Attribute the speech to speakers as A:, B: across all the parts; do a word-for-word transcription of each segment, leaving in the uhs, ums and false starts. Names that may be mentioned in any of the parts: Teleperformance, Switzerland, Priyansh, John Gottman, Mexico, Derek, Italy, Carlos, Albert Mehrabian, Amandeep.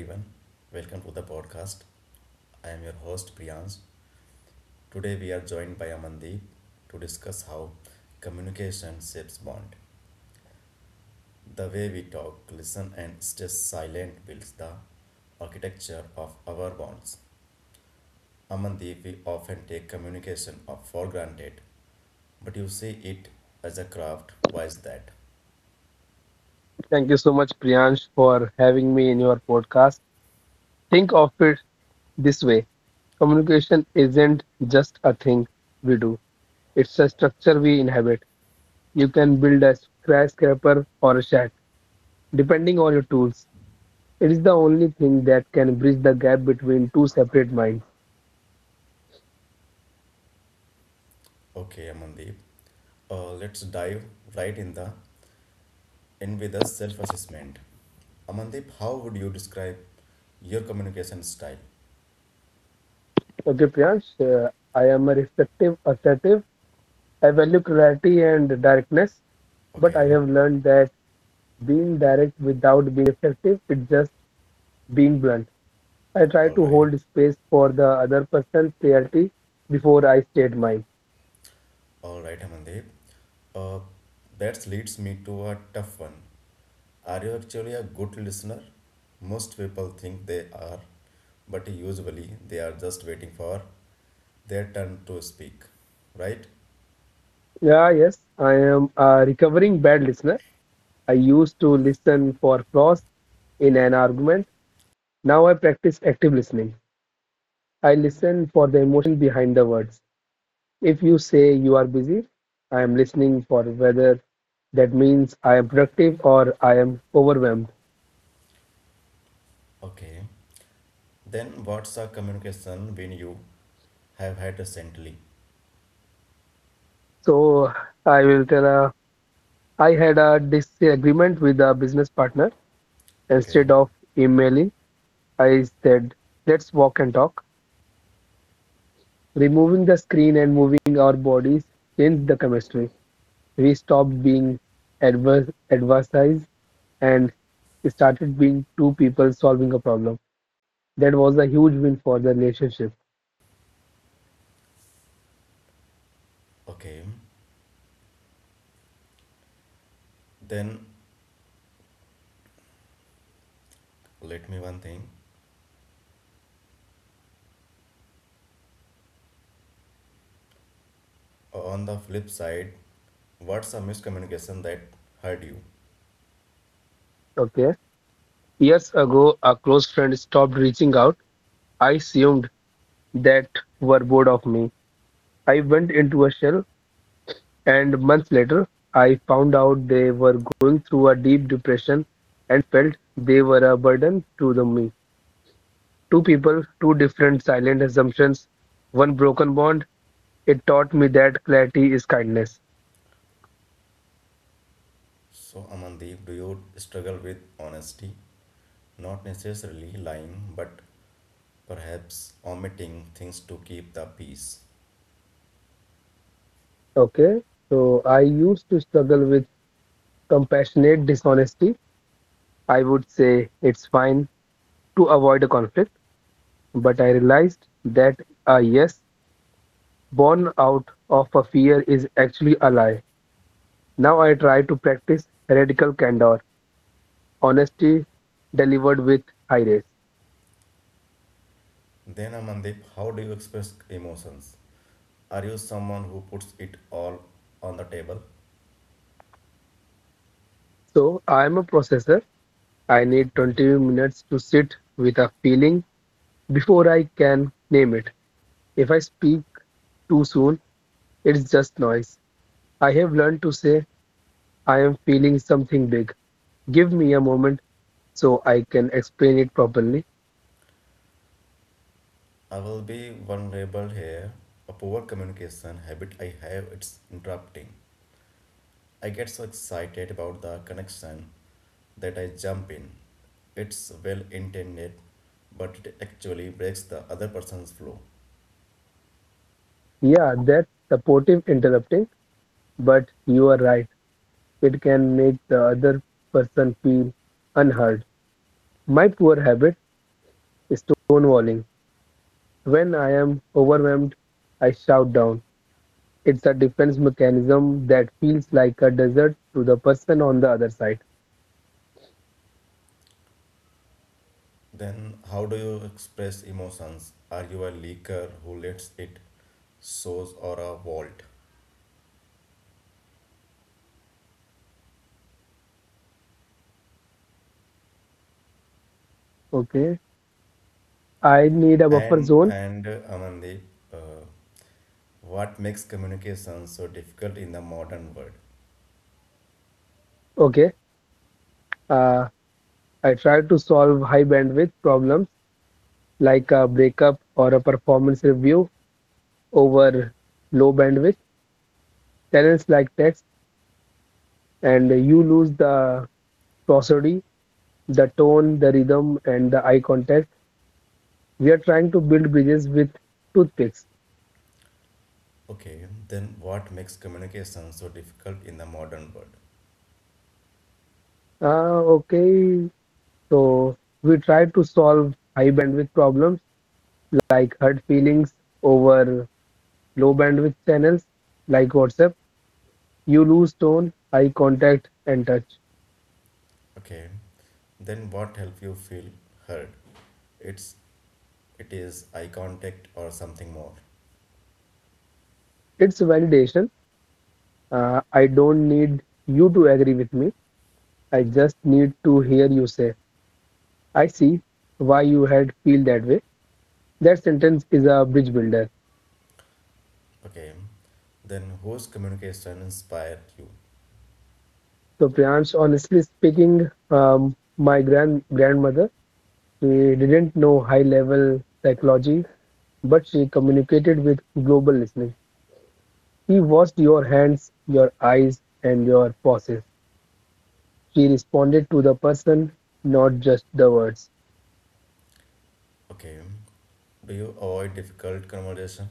A: everyone, welcome to the podcast. I am your host Priyansh. Today we are joined by Amandeep to discuss how communication shapes bond. The way we talk, listen, and stay silent builds the architecture of our bonds. Amandeep, we often take communication of for granted, but you see it as a craft. Why is that?
B: Thank you so much, Priyansh, for having me in your podcast. Think of it this way: communication isn't just a thing we do, it's a structure we inhabit. You can build a skyscraper or a shack, depending on your tools. It is the only thing that can bridge the gap between two separate minds.
A: Okay, Amandeep, uh, let's dive right in the in with a self-assessment. Amandeep, how would you describe your communication style?
B: Okay, Priyansh, uh, I am a reflective, assertive. I value clarity and directness, but I
A: Okay,
B: have learned that being direct without being reflective is just being blunt. I try
A: all
B: to
A: right,
B: hold space for the other person's clarity before I state mine.
A: all right, Amandeep. Uh, that leads me to a tough one. Are you actually a good listener? Most people think they are, but usually they are just waiting for their turn to speak, right?
B: Yeah, yes, I am a recovering bad listener. I used to listen for flaws in an argument. Now I practice active listening. I listen for the emotion behind the words. If you say you are busy, I am listening for whether that means I am productive or I am overwhelmed.
A: Okay, then what's a communication when you have had recently?
B: So I will tell uh, I had a disagreement with a business partner.
A: Okay,
B: Instead of emailing, I said, let's walk and talk. Removing the screen and moving our bodies changed the chemistry. We stopped being adver- adversaries and started being two people solving a problem. That was a huge win for the relationship.
A: okay, then let me one thing. On the flip side, what's a miscommunication that hurt you?
B: Okay. Years ago, a close friend stopped reaching out. I assumed that were bored of me. I went into a shell. And months later, I found out they were going through a deep depression and felt they were a burden to the me. Two people, two different silent assumptions, one broken bond. It taught me that clarity is kindness.
A: So, Amandeep, do you struggle with honesty? Not necessarily lying, but perhaps omitting things to keep the peace.
B: Okay, so I used to struggle with compassionate dishonesty. I would say it's fine to avoid a conflict, but I realized that a yes born out of a fear is actually a lie. Now I try to practice radical candor, honesty delivered with iris.
A: Then, Amandeep, how do you express emotions? Are you someone who puts it all on the table?
B: So I am a processor. I need
A: Okay.
B: twenty minutes to sit with a feeling before I can name it. If I speak too soon, it's just noise. I have learned to say, I am feeling something big. Give me a moment so I can explain it properly.
A: I will be vulnerable here. A poor communication habit I have it's interrupting. I get so excited about the connection that I jump in. It's well intended, but it actually breaks the other person's flow.
B: Yeah, that's supportive interrupting, but you are right. It can make the other person feel unheard. My poor habit is stonewalling. When I am overwhelmed, I shout down. It's a defense mechanism that feels like a desert to the person on the other side.
A: Then, how do you express emotions? Are you a leaker who lets it source or a vault?
B: Okay, I need a buffer
A: And
B: zone.
A: and uh, Amandeep, uh, what makes communication so difficult in the modern world?
B: Okay, uh, I try to solve high bandwidth problems like a breakup or a performance review over low bandwidth talents like text, and you lose the prosody, the tone, the rhythm, and the eye contact. We are trying to build bridges with toothpicks.
A: Okay, then what makes communication so difficult in the modern world?
B: Uh, okay, so we try to solve high bandwidth problems like hurt feelings over low bandwidth channels like WhatsApp. You lose tone, eye contact, and touch.
A: Okay, then what help you feel heard? It's it is eye contact or something more?
B: It's validation. Uh, I don't need you to agree with me. I just need to hear you say, I see why you had feel that way. That sentence is a bridge builder.
A: Okay, then whose communication inspired you?
B: So, Priyansh, honestly speaking, um, my grand grandmother She didn't know high-level psychology, but she communicated with global listening. She watched your hands, your eyes, and your pauses. She responded to the person, not just the words.
A: Okay, do you avoid difficult conversation?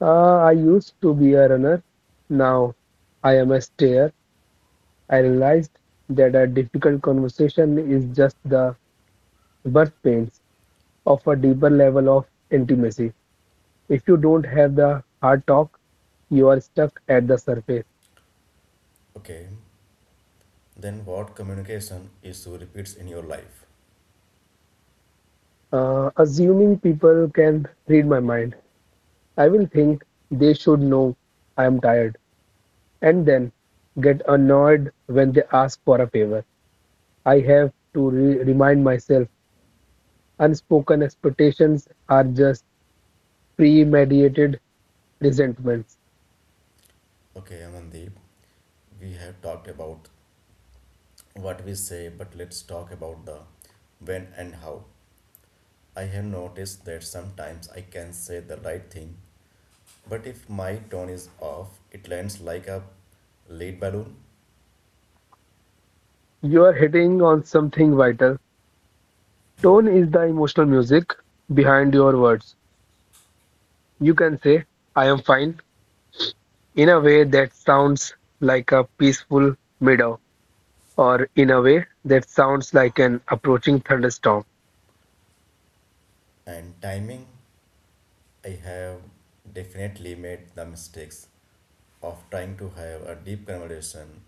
B: Ah, I used to be a runner. Now I am a stayer. I realized that a difficult conversation is just the birth pains of a deeper level of intimacy. If you don't have the hard talk, you are stuck at the surface.
A: Okay, then, what communication issue repeats in your life?
B: Uh, assuming people can read my mind, I will think they should know I am tired and then get annoyed when they ask for a favor. I have to re- remind myself unspoken expectations are just premeditated resentments.
A: Okay, Amandeep, we have talked about what we say, but let's talk about the when and how. I have noticed that sometimes I can say the right thing, but if my tone is off, it lands like a lead balloon.
B: You are hitting on something vital. Tone is the emotional music behind your words. You can say, I am fine, in a way that sounds like a peaceful meadow or in a way that sounds like an approaching thunderstorm.
A: And timing, I have definitely made the mistakes of trying to have a deep conversation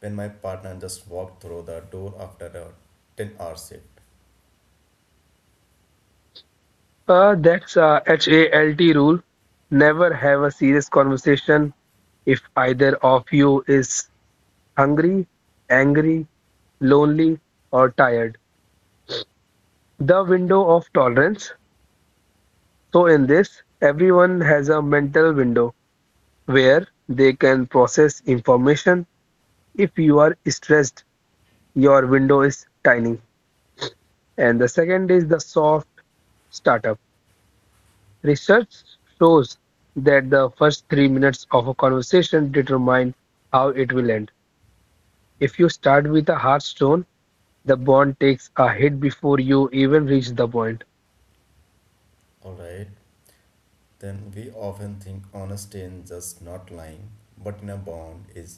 A: when my partner just walked through the door after a ten hour shift.
B: Uh, that's a H A L T rule. Never have a serious conversation if either of you is hungry, angry, lonely, or tired. The window of tolerance. So, in this, everyone has a mental window where they can process information. If you are stressed, your window is tiny. And the second is the soft startup. Research shows that the first three minutes of a conversation determine how it will end. If you start with a hard stone, the bond takes a hit before you even reach the point.
A: All right, then we often think honesty is just not lying, but in a bond is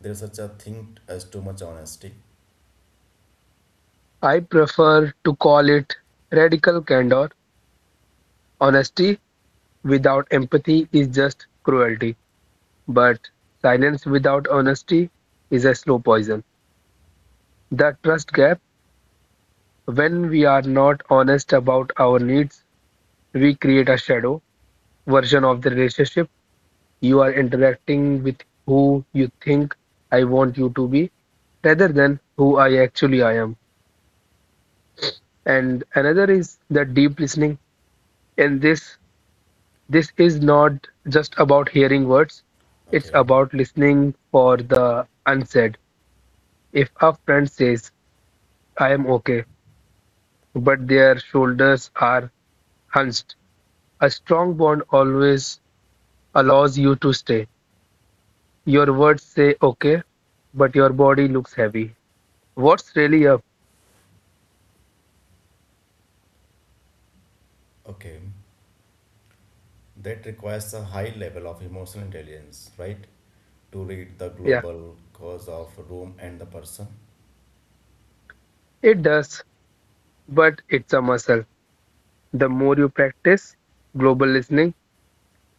A: there such a thing as too much honesty?
B: I prefer to call it radical candor. Honesty without empathy is just cruelty, but silence without honesty is a slow poison. The trust gap, when we are not honest about our needs, we create a shadow version of the relationship. You are interacting with who you think I want you to be rather than who I actually I am. And another is the deep listening. And this this is not just about hearing words. It's
A: Okay,
B: about listening for the unsaid. If a friend says, I am okay, but their shoulders are hunched, a strong bond always allows you to stay. Your words say okay, but your body looks heavy. What's really up?
A: okay, that requires a high level of emotional intelligence, right? To read the
B: Yeah.
A: global cause of room and the person,
B: It does, but it's a muscle. The more you practice global listening,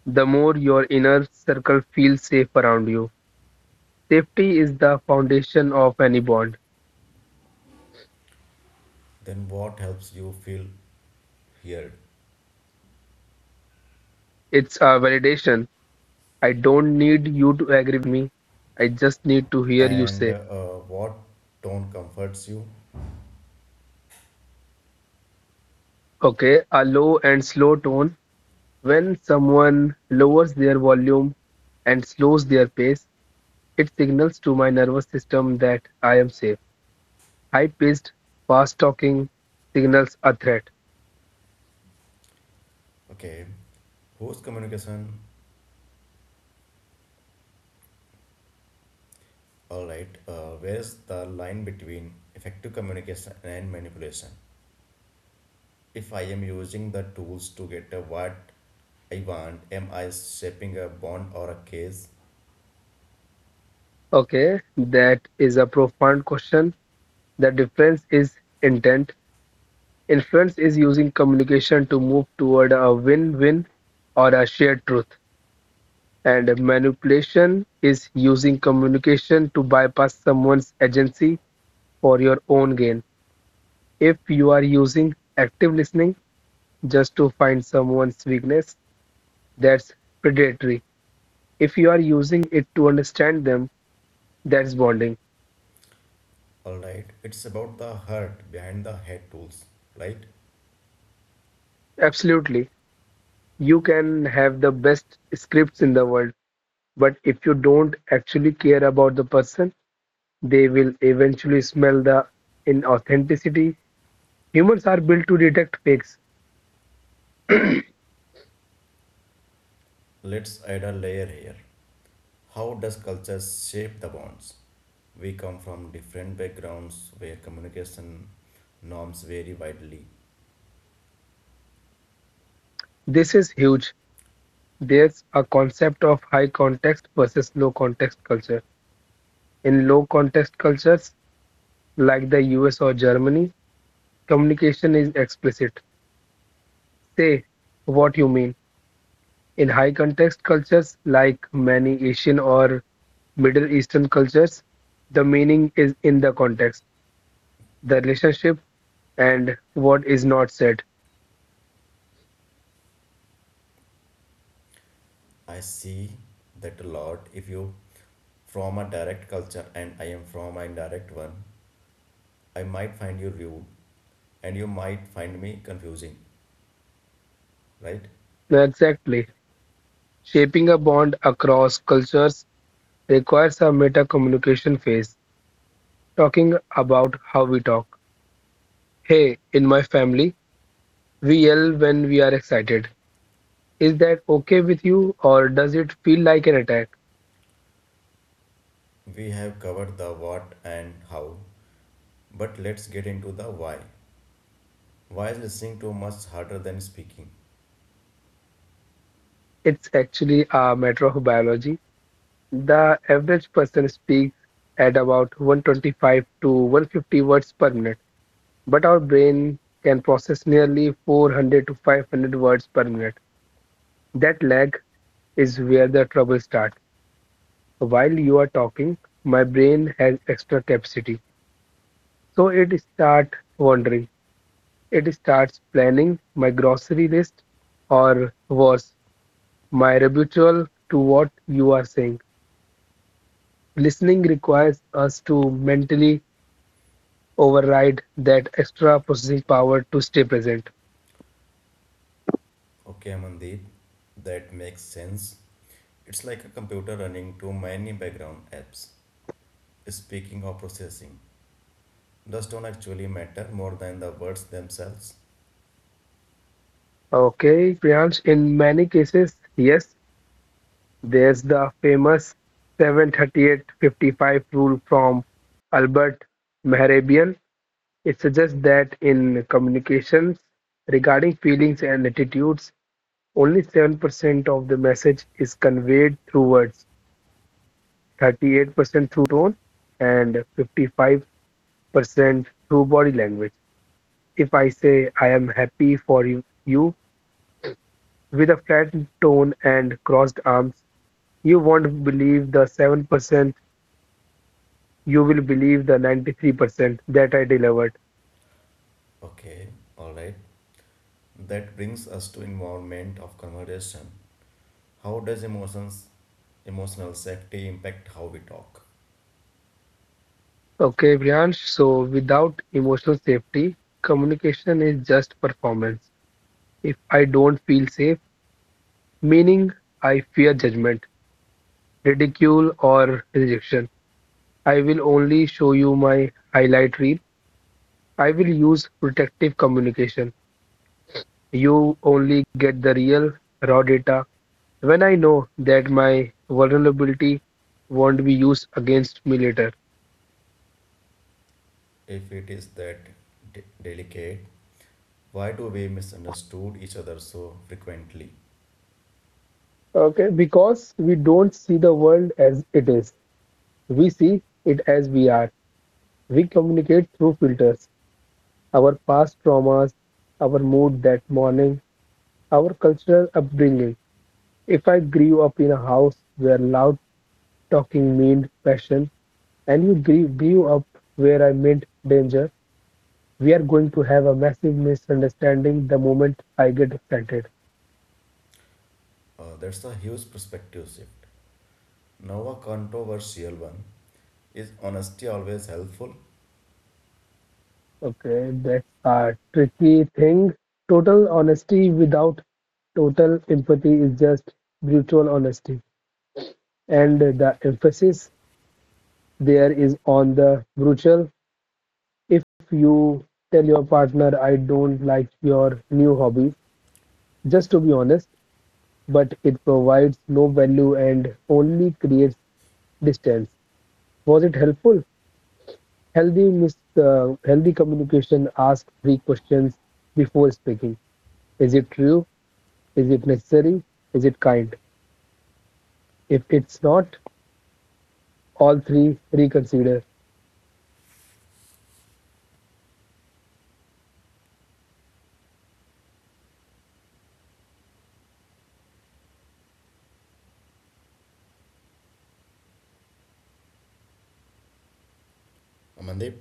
B: the more your inner circle feels safe around you. Safety is the foundation of any bond.
A: then what helps you feel heard,
B: It's a validation. I don't need you to agree me. I just need to hear you
A: and
B: say,
A: uh, what tone comforts you?
B: okay, a low and slow tone. When someone lowers their volume and slows their pace, it signals to my nervous system that I am safe. High paced, fast talking signals a threat.
A: Okay, whose communication? All right, uh, where's the line between effective communication and manipulation? If I am using the tools to get a what I want, am I shaping a bond or a case?
B: Okay, that is a profound question. The difference is intent. Influence is using communication to move toward a win-win or a shared truth. And manipulation is using communication to bypass someone's agency for your own gain. If you are using active listening just to find someone's weakness, that's predatory. If you are using it to understand them, that's bonding.
A: Alright, it's about the heart behind the head tools, right?
B: Absolutely. You can have the best scripts in the world, but if you don't actually care about the person, they will eventually smell the inauthenticity. Humans are built to detect fakes.
A: Let's add a layer here. How does culture shape the bonds? We come from different backgrounds where communication norms vary widely.
B: This is huge. There's a concept of high context versus low context culture. In low context cultures like the U S or Germany, communication is explicit. Say what you mean. In high-context cultures, like many Asian or Middle Eastern cultures, the meaning is in the context, the relationship, and what is not said.
A: I see that a lot. If you from a direct culture and I am from an indirect one, I might find you rude and you might find me confusing, right?
B: No, exactly. Shaping a bond across cultures requires a meta communication phase, talking about how we talk. Hey, in my family, we yell when we are excited. Is that okay with you, or does it feel like an attack?
A: We have covered the what and how, but let's get into the why. Why is listening to much harder than speaking?
B: It's actually a matter of biology. The average person speaks at about one hundred twenty-five to one hundred fifty words per minute, but our brain can process nearly four hundred to five hundred words per minute. That lag is where the trouble starts. While you are talking, my brain has extra capacity, so it starts wandering. It starts planning my grocery list, or worse, my rebuttal to what you are saying. Listening requires us to mentally override that extra processing power to stay present.
A: Okay, Amandeep, that makes sense. It's like a computer running too many background apps. Speaking or processing, does don't actually matter more than the words themselves.
B: Okay, Priyansh, in many cases, yes, there's the famous seven thirty-eight fifty-five rule from Albert Mehrabian. It suggests that in communications regarding feelings and attitudes, only seven percent of the message is conveyed through words, thirty-eight percent through tone, and fifty-five percent through body language. If I say I am happy for you you with a flat tone and crossed arms, you won't believe the seven percent, you will believe the ninety-three percent that I delivered.
A: Okay, alright. That brings us to involvement of conversation. How does emotions, emotional safety impact how we talk?
B: Okay, Priyansh, so without emotional safety, communication is just performance. If I don't feel safe, meaning I fear judgment, ridicule, or rejection, I will only show you my highlight reel. I will use protective communication. You only get the real, raw data when I know that my vulnerability won't be used against me later.
A: If it is that de- delicate, why do we misunderstood each other so frequently?
B: Okay, because we don't see the world as it is. We see it as we are. We communicate through filters, our past traumas, our mood that morning, our cultural upbringing. If I grew up in a house where loud talking meant passion, and you grew, grew up where I meant danger, we are going to have a massive misunderstanding the moment I get excited.
A: Uh, that's a huge perspective shift. Now a controversial one. Is honesty always helpful?
B: Okay, that's a tricky thing. Total honesty without total empathy is just brutal honesty. And the emphasis there is on the brutal. If you tell your partner, I don't like your new hobby, just to be honest, but it provides no value and only creates distance. Was it helpful? Healthy, mis uh, healthy communication asks three questions before speaking. Is it true? Is it necessary? Is it kind? If it's not, all three reconsider.
A: Amandeep,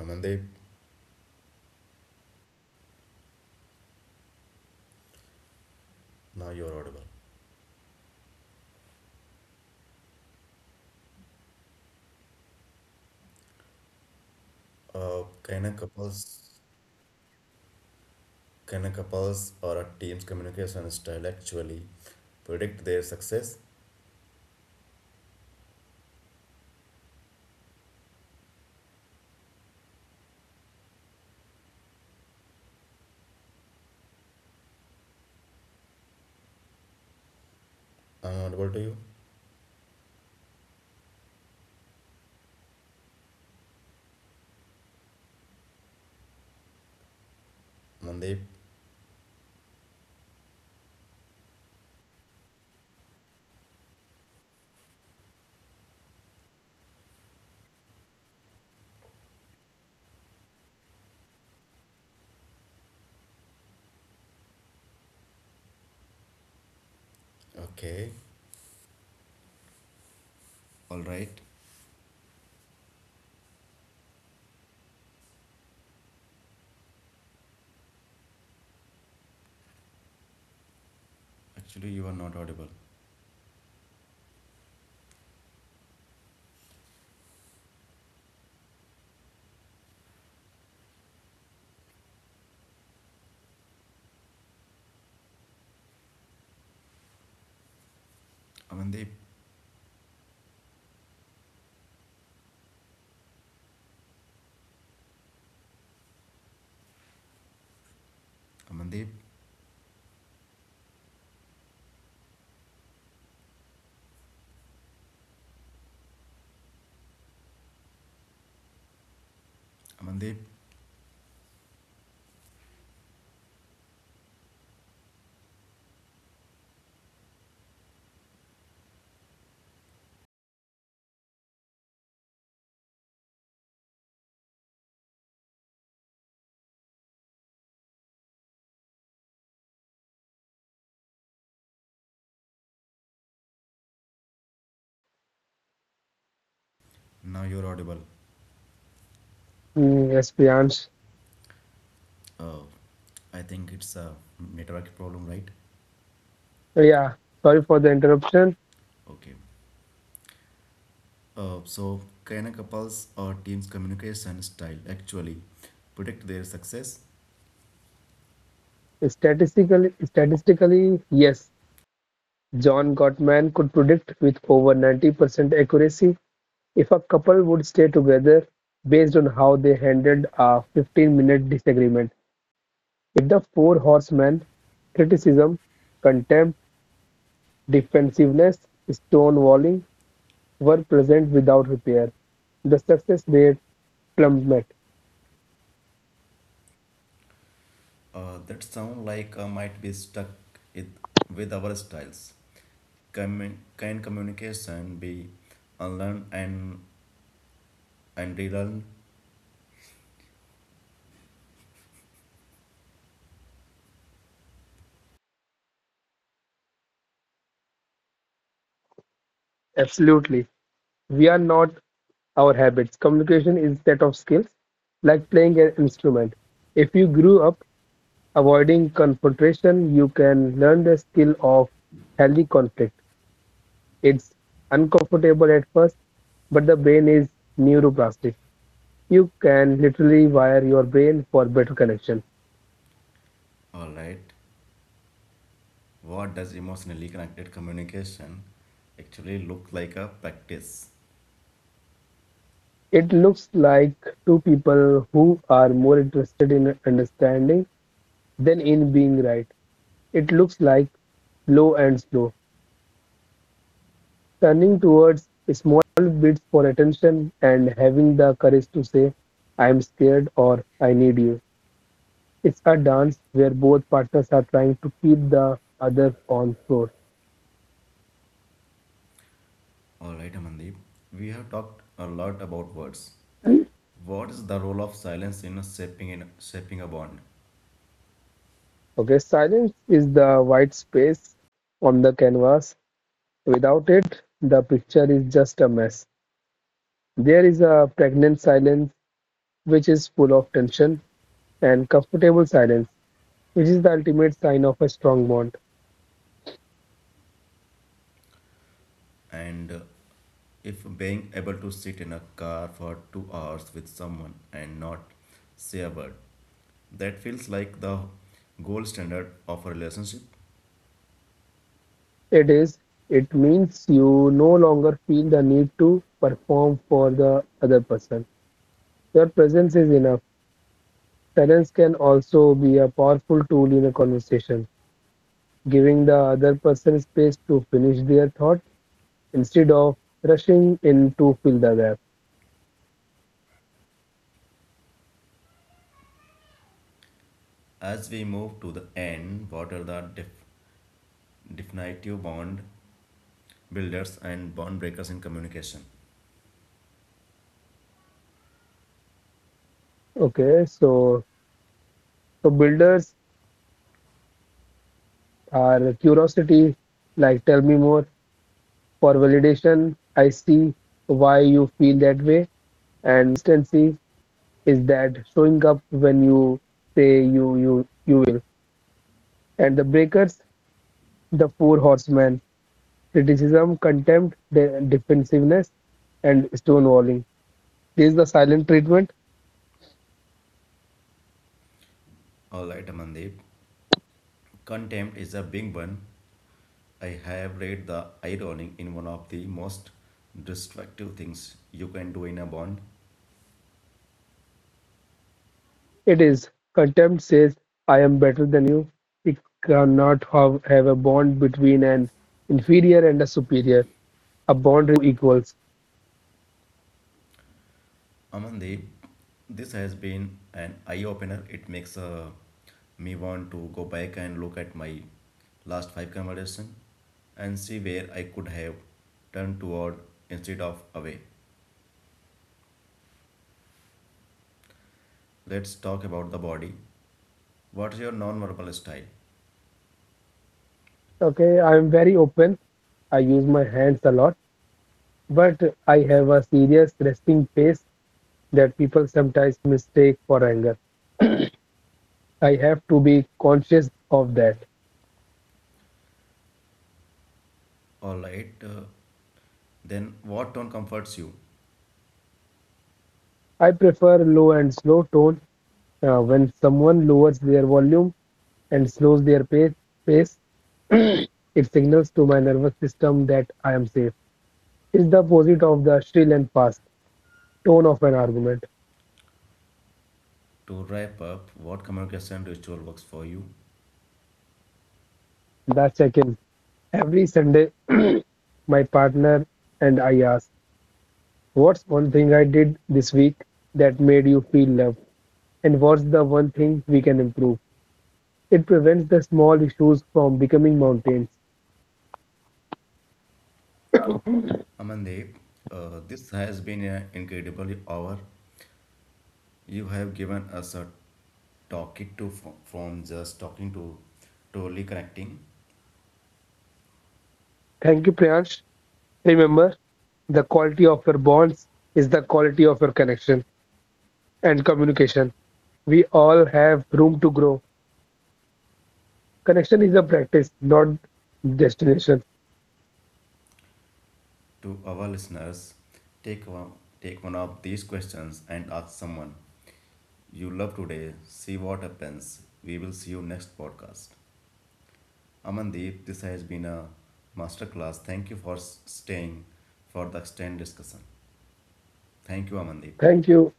A: Amandeep, now you're audible. Uh, can a couples, can a couples or a team's communication style actually predict their success? I'm audible to you, Amandeep. Okay, all right. Actually, you are not audible. Amandeep, Amandeep, Amandeep, now you're audible.
B: Mm, yes, Priyansh.
A: Oh, I think it's a network problem, right?
B: So, yeah, sorry for the interruption.
A: Okay. Uh, so, can a couple's or team's communication style actually predict their success?
B: Statistically, statistically, yes, John Gottman could predict with over ninety percent accuracy if a couple would stay together based on how they handled a fifteen-minute disagreement. With the four horsemen, criticism, contempt, defensiveness, stonewalling were present without repair. The success rate plummeted.
A: Uh, that sound like uh, might be stuck it, with our styles. Can can communication be unlearned and, and relearned?
B: Absolutely. We are not our habits. Communication is set of skills, like playing an instrument. If you grew up avoiding confrontation, you can learn the skill of healthy conflict. It's uncomfortable at first, but the brain is neuroplastic. You can literally wire your brain for better connection.
A: Alright. What does emotionally connected communication actually look like a practice?
B: It looks like two people who are more interested in understanding than in being right. It looks like low and slow, turning towards small bids for attention and having the courage to say, I'm scared or I need you. It's a dance where both partners are trying to keep the other on floor.
A: Alright, Amandeep. We have talked a lot about words. What is the role of silence in shaping in shaping a bond?
B: Okay, silence is the white space on the canvas. Without it, the picture is just a mess. There is a pregnant silence which is full of tension and comfortable silence, which is the ultimate sign of a strong bond.
A: And uh, if being able to sit in a car for two hours with someone and not say a word, that feels like the gold standard of a relationship.
B: It is. It means you no longer feel the need to perform for the other person. Your presence is enough. Silence can also be a powerful tool in a conversation, giving the other person space to finish their thought instead of rushing in to fill the gap.
A: As we move to the end, what are the def- definitive bond builders and bond breakers in communication?
B: Okay, so so builders are curiosity, like tell me more for validation. I see why you feel that way, and consistency is that showing up when you say you you you will. And the breakers, the four horsemen, criticism, contempt, de- defensiveness, and stonewalling. This is the silent treatment.
A: All right, Amandeep. Contempt is a big one. I have read the irony in one of the most destructive things you can do in a bond.
B: It is contempt says I am better than you. It cannot have, have a bond between an inferior and a superior. A bond equals.
A: Amandeep, this has been an eye opener. It makes uh, me want to go back and look at my last five conversation and see where I could have turned toward instead of away. Let's talk about the body. What's your non-verbal style?
B: Okay, I am very open. I use my hands a lot, but I have a serious resting face that people sometimes mistake for anger. I have to be conscious of that.
A: All right, uh, then what tone comforts you?
B: I prefer low and slow tone uh, when someone lowers their volume and slows their pace. pace it signals to my nervous system that I am safe. It's the opposite of the shrill and fast tone of an argument.
A: To wrap up, what communication ritual works for you?
B: The second, every Sunday, my partner and I ask, what's one thing I did this week that made you feel loved? And what's the one thing we can improve? It prevents the small issues from becoming mountains.
A: Amandeep, uh, this has been an incredible hour. You have given us a talk to fro- from just talking to totally connecting
B: Thank you, Priyansh. Remember, the quality of your bonds is the quality of your connection and communication. We all have room to grow. Connection is a practice, not destination.
A: to our listeners. Take one, take one of these questions and ask someone you love today. See what happens. We will see you next podcast. Amandeep, this has been a masterclass. Thank you for s- staying for the extended discussion. Thank you, Amandeep.
B: Thank you.